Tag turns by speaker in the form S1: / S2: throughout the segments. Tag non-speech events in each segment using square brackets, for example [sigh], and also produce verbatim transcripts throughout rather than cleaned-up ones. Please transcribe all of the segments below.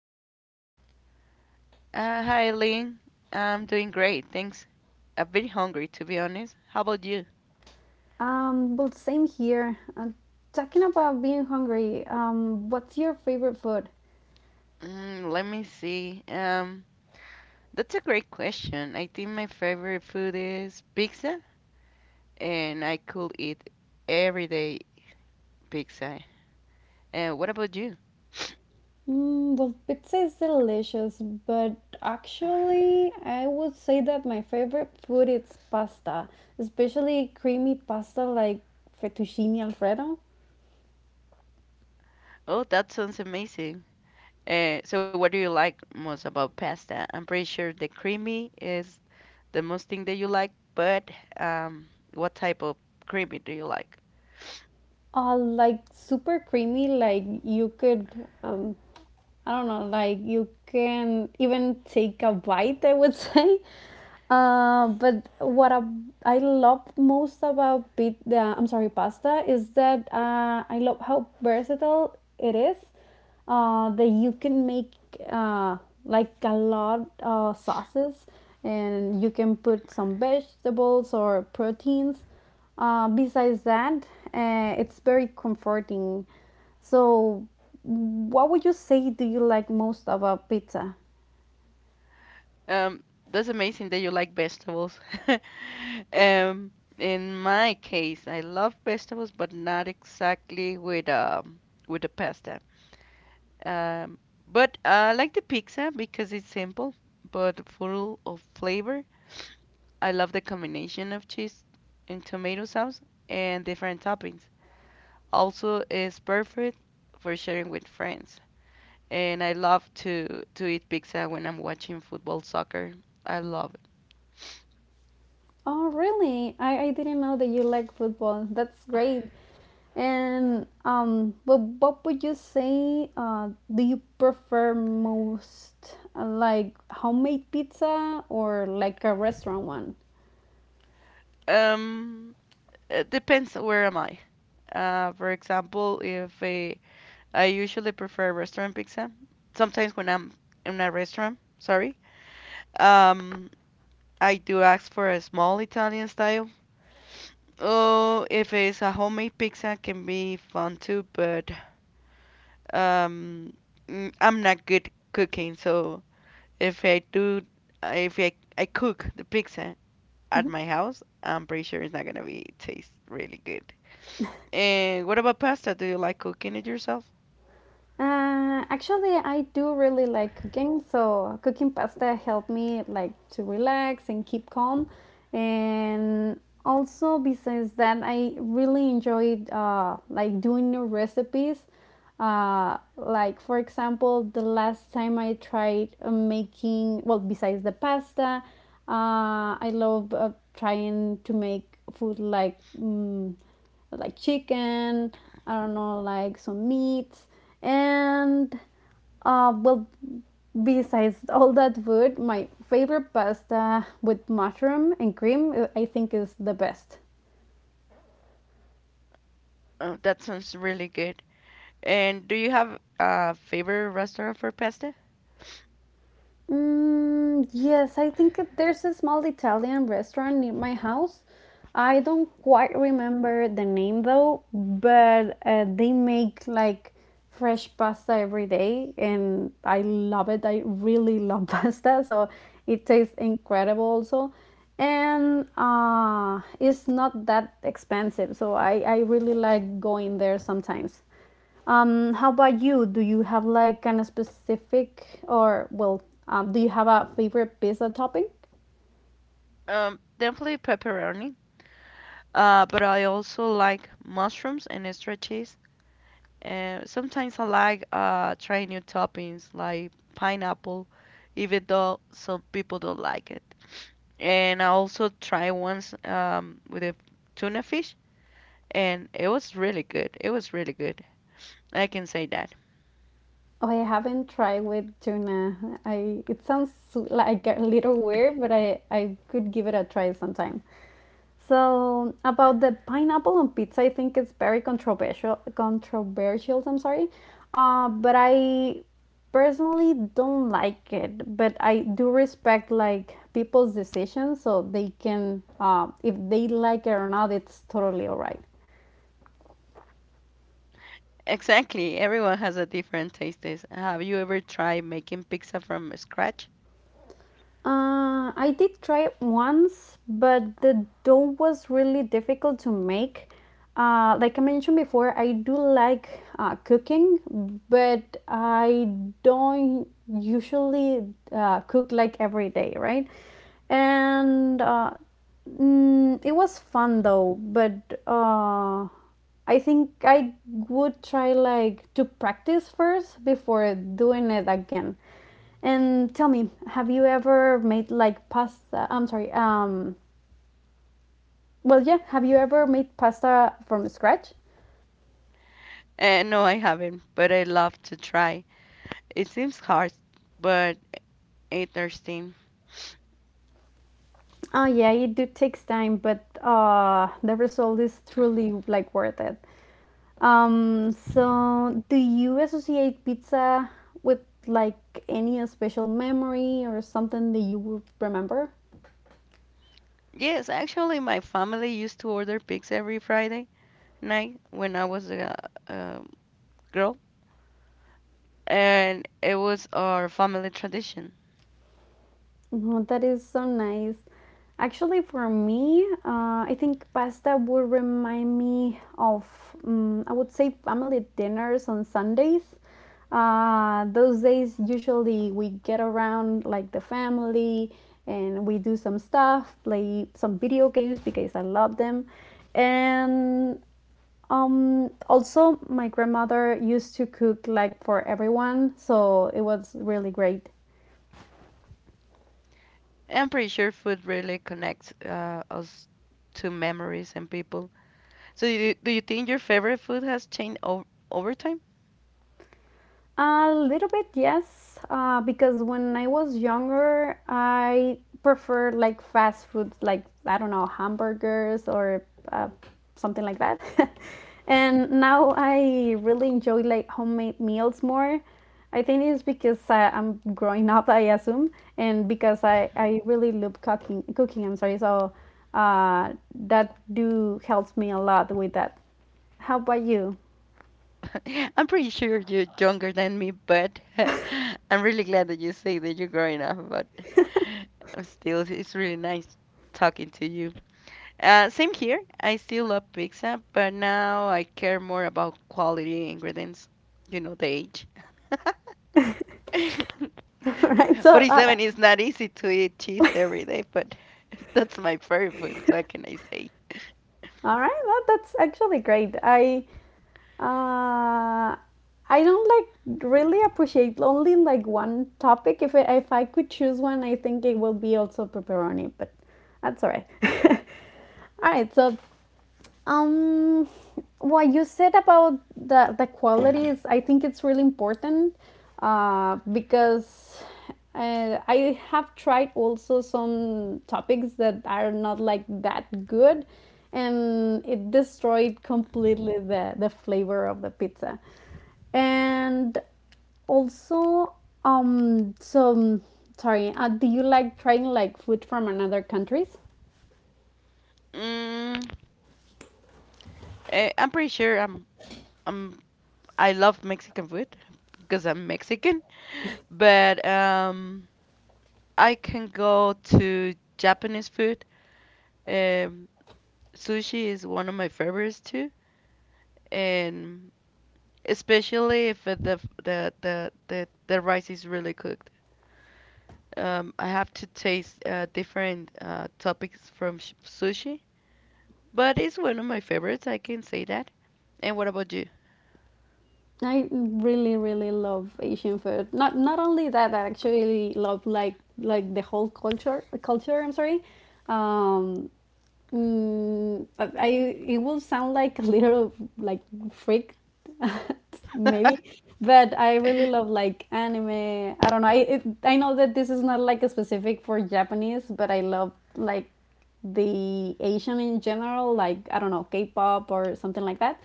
S1: doing?
S2: Uh, hi, Lee. I'm doing great, thanks. I'm very hungry, to be honest. How about you?
S1: Um, well, same here. Uh, talking about being hungry, um, what's your favorite food?
S2: Mm, let me see. Um, that's a great question. I think my favorite food is pizza, and I could eat every day pizza. Uh, what about you?
S1: Mm, well, pizza is delicious, but actually, I would say that my favorite food is pasta, especially creamy pasta like fettuccine alfredo.
S2: Oh, that sounds amazing. Uh, so what do you like most about pasta? I'm pretty sure the creamy is the most thing that you like, but um, what type of creamy do you like?
S1: Uh, like super creamy, like you could um, I don't know, like you can even take a bite, I would [laughs] say. Uh, but what I, I love most about pit, the, I'm sorry, pasta is that uh, I love how versatile it is. Uh, that you can make uh, like a lot of sauces, and you can put some vegetables or proteins. Uh, besides that, uh, it's very comforting. So, what would you say do you like most about pizza?
S2: Um, that's amazing that you like vegetables. [laughs] Um, in my case, I love vegetables, but not exactly with um with the pasta. Um, but I like the pizza because it's simple but full of flavor. I love the combination of cheese and tomato sauce and different toppings. Also, it's perfect for sharing with friends. And I love to to eat pizza when I'm watching football, soccer. I love it.
S1: Oh, really? I, I didn't know that you like football. That's great. And um, but what would you say uh, do you prefer most? Uh, Like homemade pizza or like a restaurant one?
S2: Um, it depends where am I. Uh, for example, if uh, I usually prefer restaurant pizza, sometimes when I'm in a restaurant, sorry, um, I do ask for a small Italian style. Oh, if it's a homemade pizza, can be fun too, but um, mm, I'm not good cooking, so if I do, if I, I cook the pizza at my house, I'm pretty sure it's not gonna be taste really good. And what about pasta? Do you like cooking it yourself?
S1: Uh, actually, I do really like cooking, so cooking pasta helped me like to relax and keep calm. And also, besides that, I really enjoyed uh, like doing new recipes. Uh, like for example, the last time I tried uh, making well, besides the pasta, uh, I love uh, trying to make food like mm, like chicken. I don't know, like some meats and uh, well, besides all that food, my favorite pasta with mushroom and cream, uh, I think, is the best.
S2: Oh, that sounds really good. And do you have a favorite restaurant for pasta?
S1: Mm, yes, I think it- there's a small Italian restaurant near my house. I don't quite remember the name though, but uh, they make like fresh pasta every day, and I love it. I really love [laughs] pasta, so it tastes incredible also. And uh, it's not that expensive, so I, I really like going there sometimes. Um, how about you? Do you have like kind of specific or well, um, do you have a favorite pizza topping?
S2: Um, definitely pepperoni. Uh, but I also like mushrooms and extra cheese. And sometimes I like uh trying new toppings like pineapple, even though some people don't like it. And I also tried once um with a tuna fish, and it was really good. It was really good. I can say that.
S1: Oh, I haven't tried with tuna. I It sounds like a little weird, but I I could give it a try sometime. So about the pineapple on pizza, I think it's very controversial. Controversial, I'm sorry, uh, but I personally don't like it. But I do respect like people's decisions, so they can, uh, if they like it or not, it's totally alright.
S2: Exactly. Everyone has a different taste. is- Have you ever tried making pizza from scratch?
S1: Uh, I did try it once, but the dough was really difficult to make. Uh, like I mentioned before, I do like uh, cooking, but I don't usually uh, cook like every day, right? And uh, mm, it was fun though, but uh, I think I would try like to practice first before doing it again and tell me, have you ever made like pasta? I'm sorry. Um, well, yeah. Have you ever made pasta from scratch?
S2: Eh, no, I haven't, but I love to try. It seems hard, but interesting.
S1: Oh yeah, it do takes time, but uh, the result is truly like worth it. Um, so do you associate pizza with like any special memory or something that you will remember?
S2: Yes, actually, my family used to order pizza every Friday night when I was a, a girl, and it was our family tradition.
S1: No, that is so nice. Actually, for me, uh, I think pasta would remind me of, um, I would say, family dinners on Sundays. Uh, those days, usually we get around like the family and we do some stuff, play some video games because I love them. And um, also, my grandmother used to cook like for everyone, so it was really great.
S2: I'm pretty sure food really connects uh, us to memories and people. So, do you, do you think your favorite food has changed o over time?
S1: A little bit, yes, uh, because when I was younger, I preferred like fast food, like I don't know, hamburgers or uh, something like that. [laughs] And now I really enjoy like homemade meals more. I think it's because uh, I'm growing up, I assume, and because I, I really love cooking. Cooking, I'm sorry. So uh, that do helps me a lot with that. How about you?
S2: [laughs] I'm pretty sure you're younger than me, but [laughs] I'm really glad that you say that you're growing up, but I'm still, it's really nice talking to you. Uh, same here. I still love pizza, but now I care more about quality ingredients, you know, the age. [laughs]
S1: [laughs] All right. So uh,
S2: forty-seven is not easy to eat cheese every day, but [laughs] that's my favorite food. What can I say?
S1: All right, well, that's actually great. I uh, I don't like really appreciate only like one topic. If I, if I could choose one, I think it will be also pepperoni, but that's all right. [laughs] All right, so um, what you said about the, the qualities, I think it's really important uh, because uh, I have tried also some topics that are not like that good and it destroyed completely the, the flavor of the pizza. And also, um, so sorry, uh, do you like trying like food from another countries?
S2: Mm, eh, I'm pretty sure I'm I'm I love Mexican food because I'm Mexican, but um, I can go to Japanese food. Um, Sushi is one of my favorites too, and especially if uh, the the the the, the rice is really cooked. Um, I have to taste uh, different uh, topics from sh sushi, but it's one of my favorites. I can say that. And what about you?
S1: I really really love Asian food. Not not only that, I actually love like like the whole culture culture, I'm sorry. Um Mm, but I it will sound like a little like freak, [laughs] maybe. But I really love
S2: [laughs]
S1: like anime. I don't know. I it, I know that this is not like a specific for Japanese, but I love like the Asian in general. Like I don't know, K-pop or something like that.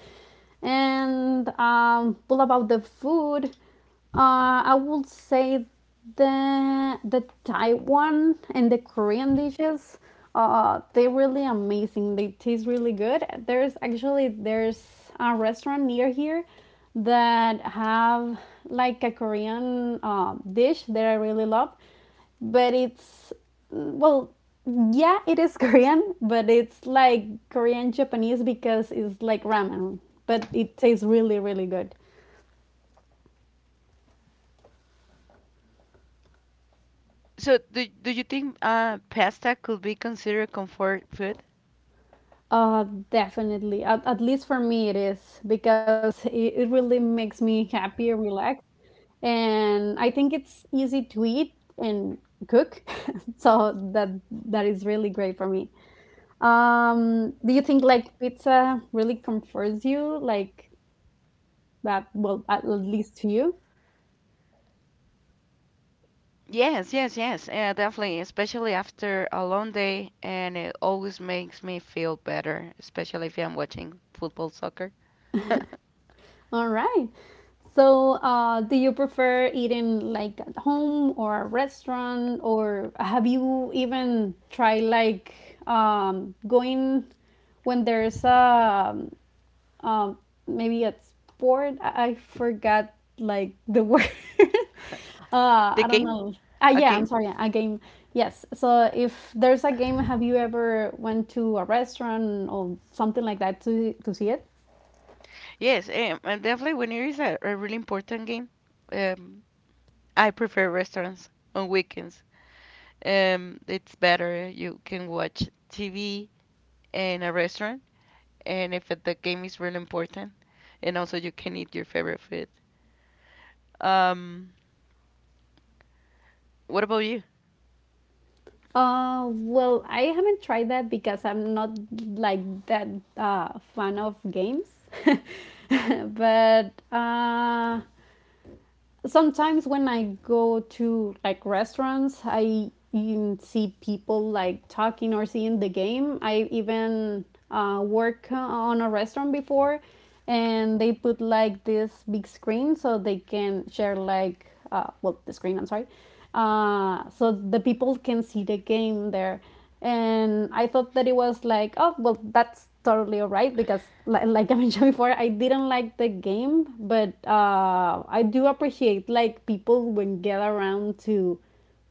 S1: And um, all about the food. Uh, I would say the the Taiwan and the Korean dishes. Uh, they're really amazing. They taste really good. There's actually there's a restaurant near here that have like a Korean uh, dish that I really love, but it's well, yeah, it is [laughs] Korean, but it's like Korean Japanese because it's like ramen, but it tastes really really good.
S2: So, do do you think uh, pasta could be considered comfort food?
S1: Uh, Definitely. At, at least for me, it is because it, it really makes me happy and relaxed. And I think it's easy to eat and cook, [laughs] so that that is really great for me. Um, do you think like pizza really comforts you? Like that? Well, at, at least to you.
S2: Yes, yes, yes. Yeah, definitely. Especially after a long day, and it always makes me feel better, especially if I'm watching football, soccer. [laughs]
S1: All right. So, uh, do you prefer eating like at home or a restaurant, or have you even tried like um, going when there's a um, um, maybe a sport? I, I forgot like the word. [laughs] uh,
S2: The
S1: I don't
S2: game,
S1: know. Ah,
S2: a
S1: yeah, I'm
S2: game.
S1: sorry. A game. Yes. So, if there's a game, have you ever went to a restaurant or something like that to to see it?
S2: Yes, um, and definitely when it is a, a really important game, um, I prefer restaurants on weekends. Um, it's better. You can watch T V in a restaurant, and if it, the game is really important, and also you can eat your favorite food. Um, what about you?
S1: Uh, well, I haven't tried that because I'm not like that uh, fan of games, [laughs] but uh, sometimes when I go to like restaurants, I even see people like talking or seeing the game. I even uh, work on a restaurant before, and they put like this big screen so they can share like uh, well the screen. I'm sorry, uh, so the people can see the game there, and I thought that it was like, oh well, that's totally all right, because li- like [laughs] I mentioned before, I didn't like the game. But uh, I do appreciate like people when get around to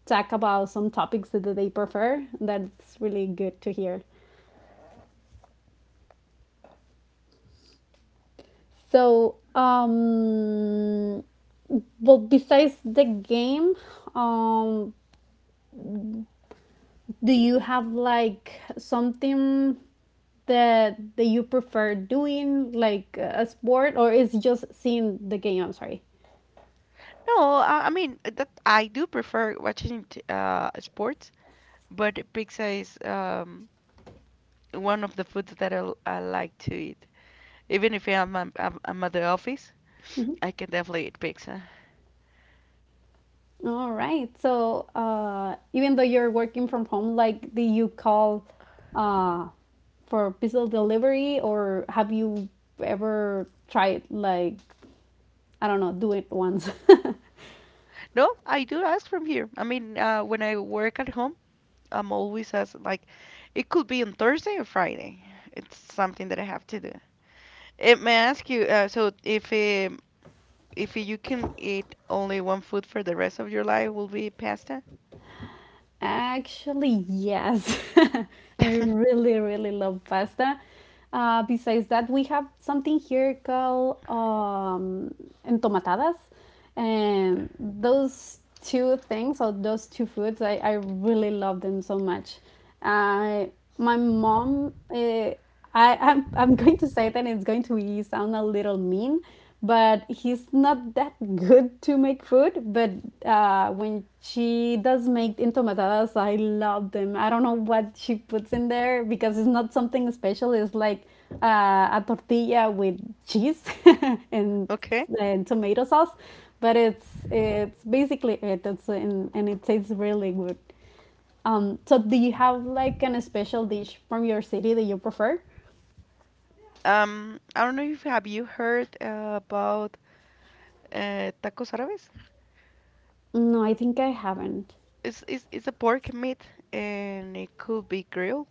S1: talk about some topics that they prefer. That's really good to hear. So, um well, besides the game, um do you have like something that that you prefer doing, like a sport, or is just seeing the game? I'm sorry.
S2: No, I, I mean uh, that I do prefer watching t- uh sports, but pizza is um one of the foods that I, l- I like to eat. Even if I'm, I'm I'm I'm at the office, I can definitely eat pizza.
S1: All right. So uh, even though you're working from home, like, do you call uh, for pizza delivery, or have you ever tried like I don't know, do it once? [laughs]
S2: No, I do ask from here. I mean, uh, when I work at home, I'm always asked like, it could be on Thursday or Friday. It's something that I have to do. It may I ask you, uh, so if um if you can eat only one food for the rest of your life, will be pasta?
S1: Actually, yes. [laughs] I
S2: [laughs]
S1: really, really love pasta. Uh, besides that, we have something here called um, entomatadas. And those two things, or those two foods, I, I really love them so much. I, my mom, uh, I, I'm, I'm going to say that it's going to sound a little mean, but he's not that good to make food. But uh, when she does make entomatadas, I love them. I don't know what she puts in there because it's not something special. It's like uh, a tortilla with cheese [laughs] and,
S2: Okay.
S1: and tomato sauce, but it's it's basically it. It's and, and it tastes really good. Um, so do you have like an special dish from your city that you prefer?
S2: Um, I don't know if have you heard uh, about uh, tacos árabes?
S1: No, I think I haven't.
S2: It's, it's it's a pork meat and it could be grilled,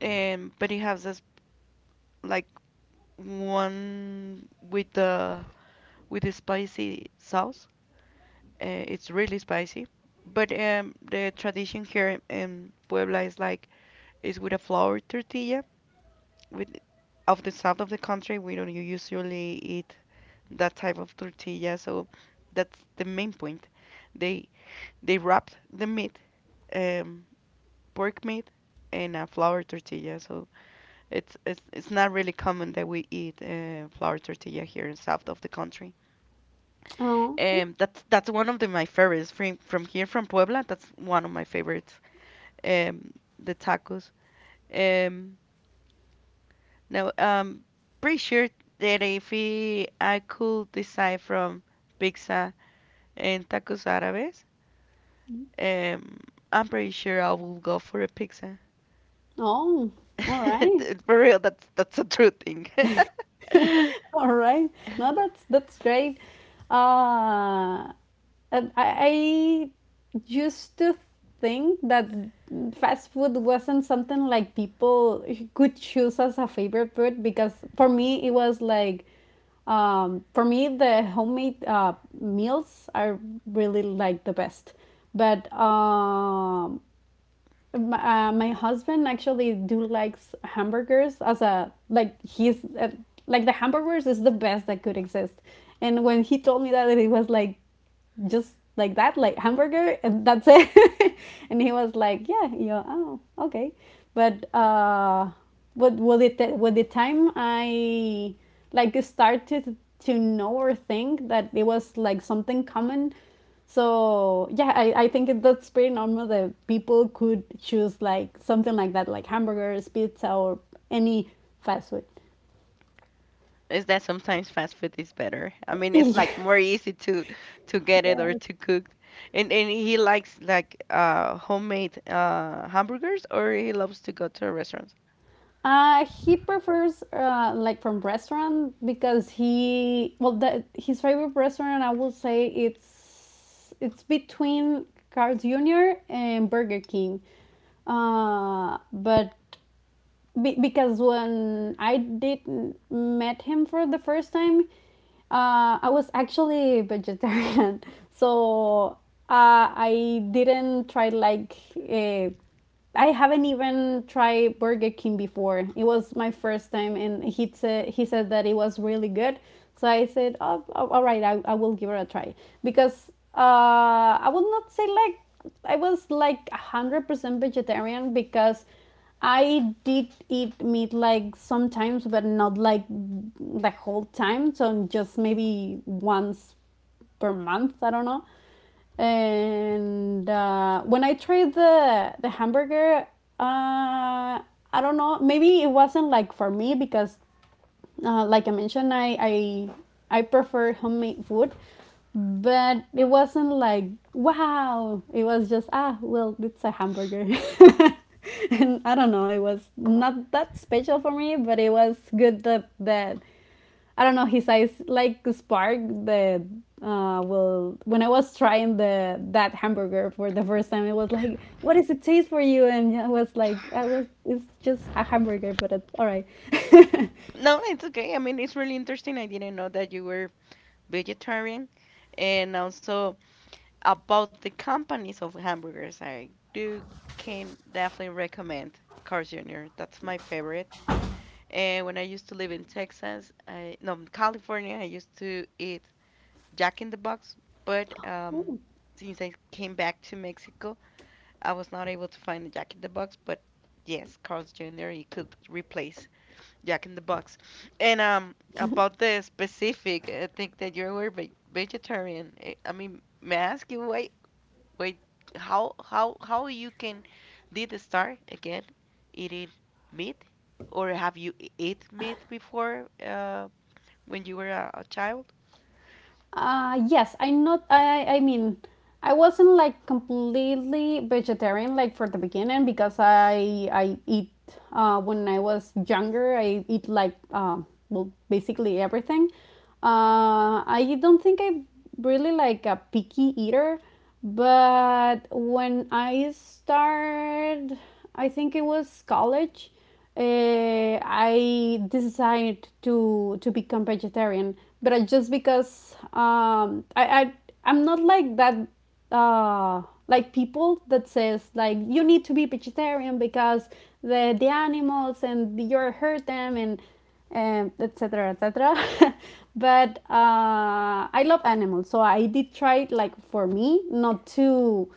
S2: and but it has this like one with the with the spicy sauce. Uh, it's really spicy. But um, the tradition here in Puebla is like is with a flour tortilla. With of the south of the country, we don't usually eat that type of tortilla, so that's the main point they They wrapped the meat, um, pork meat, in a flour tortilla. So it's it's, it's not really common that we eat uh, flour tortilla here in south of the country.
S1: Oh, okay.
S2: Um, that's that's one of the, my favorites from from here from Puebla. That's one of my favorites. Um, the tacos. Um, Now um, pretty sure that if we, I could decide from pizza and tacos árabes, um, I'm pretty sure I will go for a pizza.
S1: Oh, all right.
S2: [laughs] For real, that's that's a true thing. [laughs]
S1: [laughs] All right. No, that's that's great. Uh, and I, I used to think that fast food wasn't something like people could choose as a favorite food because for me it was like um, for me the homemade uh, meals are really like the best. But um, M- Uh, my husband actually do likes hamburgers as a like he's uh, like the hamburgers is the best that could exist. And when he told me that, it was like just like that, like hamburger, and that's it. [laughs] And he was like, yeah, you know, oh, okay. But uh, with with it with the time I like started to know or think that it was like something common. So yeah, I, I think it, that's pretty normal that people could choose like something like that, like hamburgers, pizza, or any fast food.
S2: Is that sometimes fast food is better? I mean, it's like
S1: [laughs]
S2: more easy to to get it or
S1: Yeah.
S2: to cook. And and he likes like uh homemade uh hamburgers or he loves to go to a restaurant.
S1: Uh, he prefers uh, like from restaurant because he well the, his favorite restaurant I would say it's it's between Carl's junior and Burger King, uh, but be- because when I did met him for the first time, uh, I was actually vegetarian, [laughs] so uh, I didn't try like uh, I haven't even tried Burger King before. It was my first time, and he said he said that it was really good. So I said, "Oh, oh, all right, I, I will give it a try." Because uh, I would not say like I was like hundred percent vegetarian because I did eat meat like sometimes, but not like the whole time. So just maybe once per month. I don't know. And uh, when I tried the the hamburger, uh, I don't know. Maybe it wasn't like for me because uh, like I mentioned, I, I I prefer homemade food, but it wasn't like wow. It was just ah well, it's a hamburger, [laughs] and I don't know. It was not that special for me, but it was good that that I don't know, his eyes like spark the uh well, when I was trying the that hamburger for the first time, it was like, what is it taste for you? And I was like I was it's just a hamburger, but it's all right. [laughs]
S2: No, it's okay. I mean, it's really interesting. I didn't know that you were vegetarian. And also about the companies of hamburgers, I do can definitely recommend Carl's Junior That's my favorite. And when I used to live in Texas, I, no, California, I used to eat Jack in the Box, but um, since I came back to Mexico, I was not able to find the Jack in the Box, but yes, Carl's Junior, you could replace Jack in the Box. And um, about the specific, I think that you were ve- vegetarian. eh, I mean, may I ask you why Wait, how how how you can did start again eating meat, or have you e- ate meat before uh, when you were a, a child?
S1: Uh, yes, I not I I mean, I wasn't like completely vegetarian like for the beginning because I I eat uh when I was younger, I eat like um well, basically everything. Uh, I don't think I'm really like a picky eater, but when I started, I think it was college. uh, I decided to to become vegetarian, but I, just because um, I, I I'm not like that, uh, like people that says like you need to be vegetarian because the the animals and you are hurt them, and um, etc etc. [laughs] but uh, I love animals, so I did try it, like for me, not to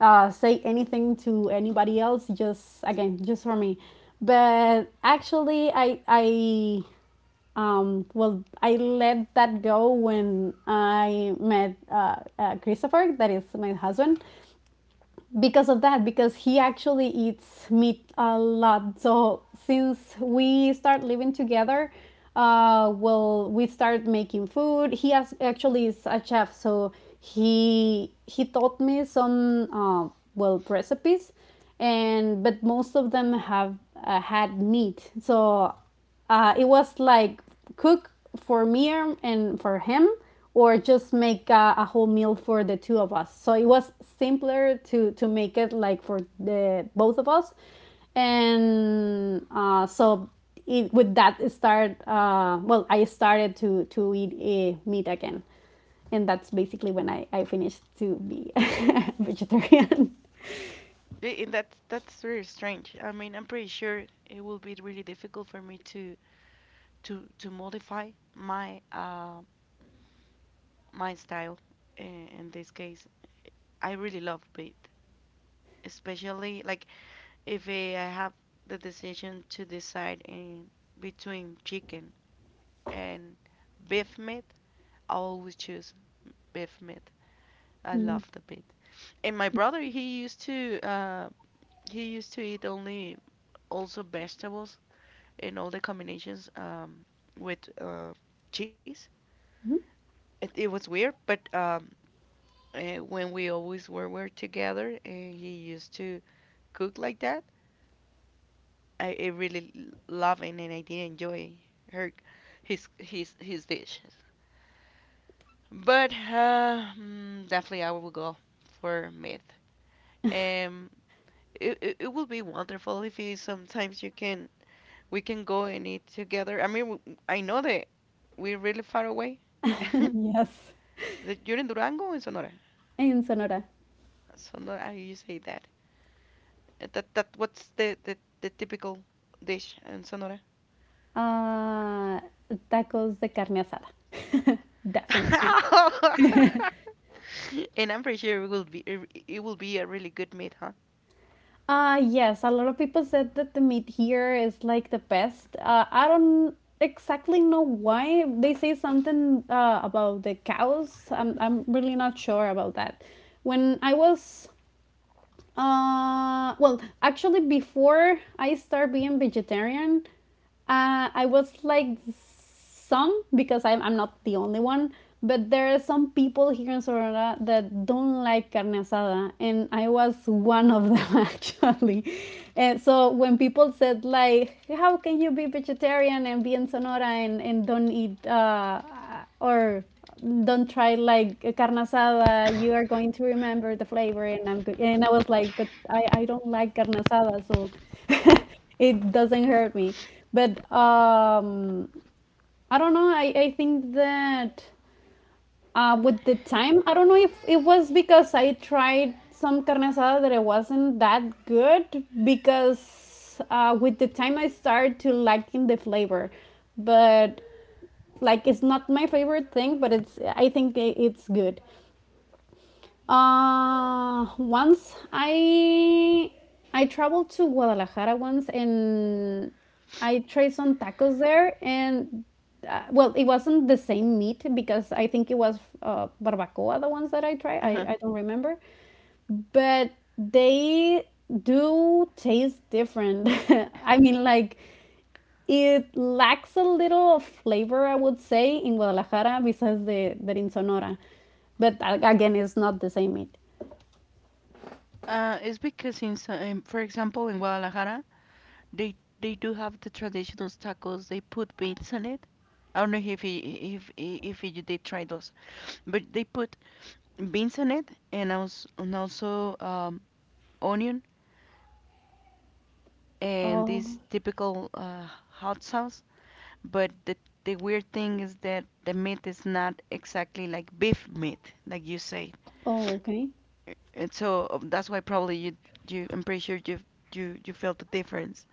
S1: uh, say anything to anybody else, just again just for me. But actually I I um, well, I let that go when I met uh, uh, Christopher, that is my husband, because of that, because he actually eats meat a lot. So since we start living together, uh well, we start making food. He has, actually is a chef, so he he taught me some uh, well, recipes, and but most of them have uh, had meat. So uh, it was like cook for me and for him, or just make a, a whole meal for the two of us. So it was simpler to to make it like for the both of us. And uh, so it, with that, it started. uh, well, I started to to eat eh, meat again, and that's basically when i i finished to be [laughs] vegetarian.
S2: I- And that's that's very strange. I mean, I'm pretty sure it will be really difficult for me to to to modify my uh my style in, in this case. I really love meat, especially like if I have the decision to decide in between chicken and beef meat I always choose beef meat. I love the meat. And my brother, he used to uh, he used to eat only also vegetables and all the combinations um, with uh, cheese. It, it was weird, but um, eh, when we always were, were together and he used to cook like that, I, I really loved it and I did enjoy her his his his dishes. But uh, mm, definitely I will go for meat. Um, it, it, it will be wonderful if you sometimes you can we can go and eat together. I mean, I know that we're really far away. [laughs]
S1: [laughs] Yes.
S2: That You're in Durango or in Sonora?
S1: In Sonora.
S2: Sonora, how you say that? Uh, That that what's the the, the typical dish in Sonora?
S1: Uh, tacos de carne asada. [laughs] Definitely.
S2: [laughs] And I'm pretty sure it will be it it will be a really good meat, huh?
S1: Uh, yes, a lot of people said that the meat here is like the best. Uh, I don't exactly know why. They say something uh, about the cows. I'm, I'm really not sure about that. When I was Uh, well, actually, before I start being vegetarian, uh, I was like some, because I'm I'm not the only one, but there are some people here in Sonora that don't like carne asada, and I was one of them, [laughs] actually. And so when people said like, "How can you be vegetarian and be in Sonora and and don't eat uh, or don't try like a carne asada? You are going to remember the flavor." And i'm go- and I was like, but i i don't like carne asada, so [laughs] it doesn't hurt me. But um I don't know, i i think that uh with the time, I don't know if it was because I tried some carne asada that it wasn't that good, because uh with the time I started to liking the flavor. But like it's not my favorite thing, but it's, I think it's good. uh once i i traveled to Guadalajara once, and I tried some tacos there, and uh, well, it wasn't the same meat, because I think it was uh, barbacoa, the ones that I tried. i,
S2: Uh-huh.
S1: I don't remember, but they do taste different. [laughs] I mean, like, it lacks a little of flavor, I would say, in Guadalajara besides the that in Sonora. But a- again, it's not the same meat.
S2: Uh, it's because in, so- in, for example, in Guadalajara, They they do have the traditional tacos. They put beans on it. I don't know if you, if if you did try those, but they put beans on it and also and also um, onion and
S1: Oh,
S2: this typical uh, hot sauce. But the the weird thing is that the meat is not exactly like beef meat, like you say.
S1: oh, okay.
S2: And so um, that's why probably you you I'm pretty sure you you you felt the difference.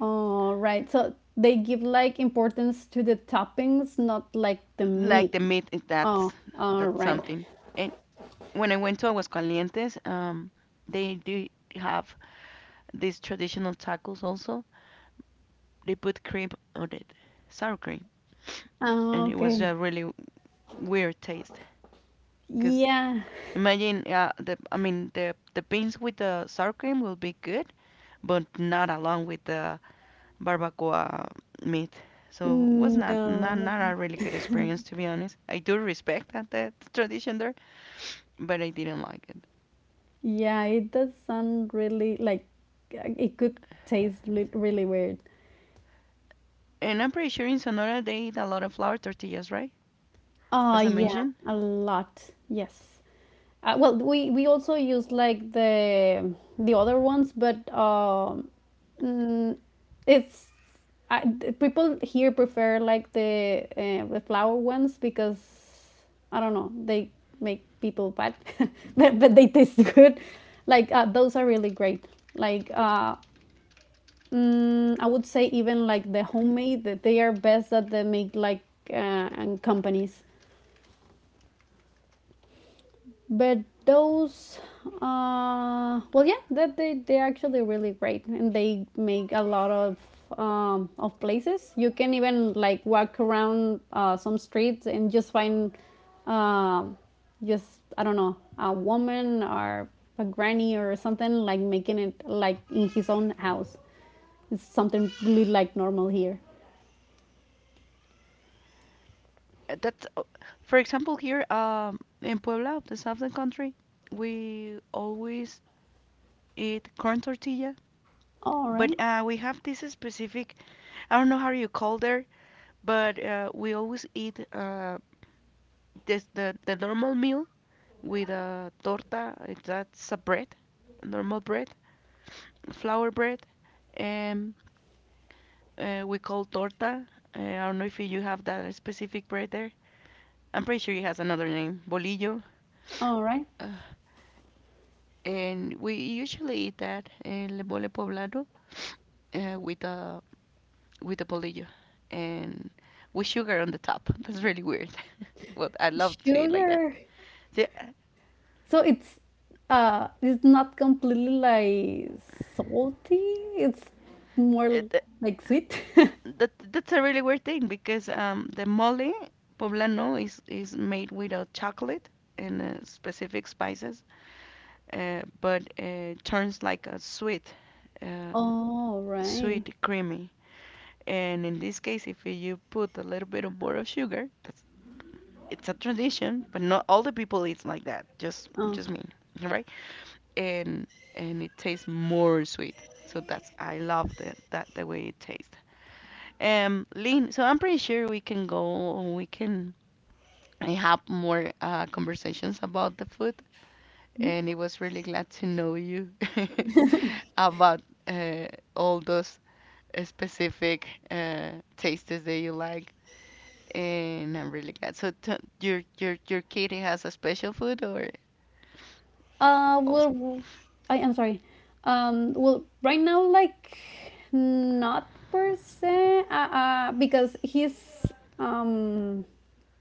S1: All right. So they give like importance to the toppings, not like the
S2: Like
S1: meat.
S2: the meat, it- that's
S1: Oh, all
S2: that's
S1: right.
S2: something. And when I went to Aguascalientes, um, they do have these traditional tacos also. They put cream on it, sour cream, and
S1: Oh,
S2: it was a
S1: okay.
S2: really weird taste. Cause
S1: Yeah.
S2: imagine, uh, the I mean the the beans with the sour cream will be good, but not along with the barbacoa meat. So it was not, not not
S1: No.
S2: a really good experience to be honest. I do respect that, that tradition there, but I didn't like it.
S1: Yeah, it does sound really like uh, it could taste li- really weird.
S2: And I'm pretty sure in Sonora they eat a lot of flour tortillas, right?
S1: Oh,
S2: as I
S1: yeah,
S2: mentioned.
S1: a lot. Yes. Uh, well, we we also use like the the other ones, but um, mm, it's I, the people here prefer like the uh, the flower ones because I don't know, they make people fat, [laughs] but but they taste [laughs] good. Like uh, those are really great. Like uh, mm, I would say even like the homemade, that they are best, that they make like uh, and companies, but those uh well, yeah, that they they're actually really great, and they make a lot of um of places. You can even like walk around uh some streets, and just find um just, I don't know, a woman or a granny or something, like making it like in his own house. It's something really like normal here.
S2: Uh, That's, uh, for example, here um, in Puebla, the southern country, we always eat corn tortilla,
S1: All right.
S2: but uh, we have this specific, I don't know how you call there, but uh, we always eat uh, this, the, the normal meal with a torta, it- that's a bread, normal bread, flour bread, and uh, we call torta. Uh, I don't know if you have that specific bread there. I'm pretty sure it has another name, bolillo.
S1: All right.
S2: Uh, and we usually eat that in le mole poblano uh, with a with a bolillo and with sugar on the top. [laughs] That's really weird. [laughs] Well, I love to eat like that.
S1: Sugar.
S2: See,
S1: So it's uh it's not completely like salty. It's more
S2: it,
S1: like sweet. [laughs]
S2: that that's a really weird thing because um, the mole poblano is is made with a chocolate and uh, specific spices, uh, but uh, turns like a sweet, um,
S1: Oh, right.
S2: sweet creamy. And in this case, if you put a little bit of more of sugar, that's it's a tradition, but not all the people eat like that. Just
S1: Oh.
S2: just me, right? And and it tastes more sweet. So that's I love that that the way it tastes. Um, Lynn, so I'm pretty sure we can go. We can I have more uh, conversations about the food, and it was really glad to know you [laughs] about uh, all those uh, specific uh, tastes that you like. And I'm really glad. So t your your your kid has a special food or
S1: Uh,
S2: Also,
S1: well, w- I am sorry. Um, well, right now, like, not per se, uh, uh, because he's, um,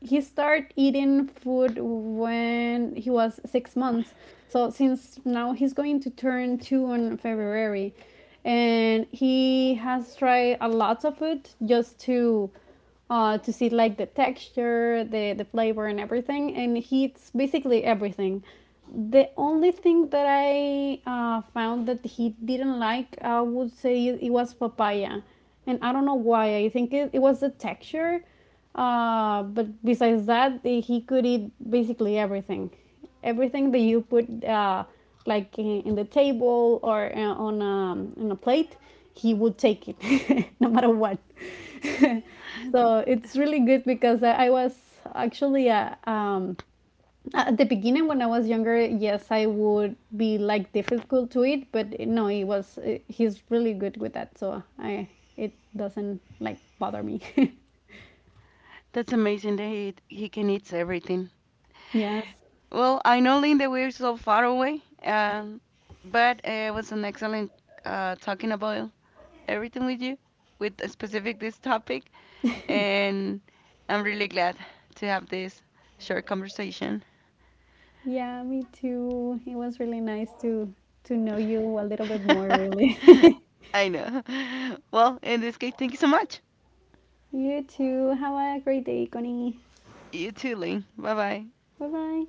S1: he started eating food when he was six months. So since now he's going to turn two on February, and he has tried a lot of food just to uh, to see like the texture, the the flavor, and everything. And he eats basically everything. The only thing that I uh, found that he didn't like, I would say, it was papaya, and I don't know why. I think it, it was the texture. Uh, but besides that, the- he could eat basically everything, everything that you put, uh, like in, in the table or uh, on um, on a plate, he would take it, [laughs] no matter what. [laughs]
S2: [laughs]
S1: So it's really good, because I, I was actually uh, um, at the beginning when I was younger, yes, I would be like difficult to eat, but eh, no, he was uh, he's really good with that, so I, it doesn't like bother me. [laughs]
S2: that's amazing that he, he can eat everything.
S1: Yes.
S2: Well, I know, Linda, we're so far away, um, but uh, it was an excellent uh, talking about everything with you, with a specific this topic, and I'm really glad to have this short conversation.
S1: Yeah, me too. It was really nice to to know you a little bit more, really.
S2: [laughs]
S1: [laughs]
S2: I know. Well, in this case, thank you so much.
S1: You too. Have a great day, Connie.
S2: You too, Lynn. Bye bye.
S1: Bye bye.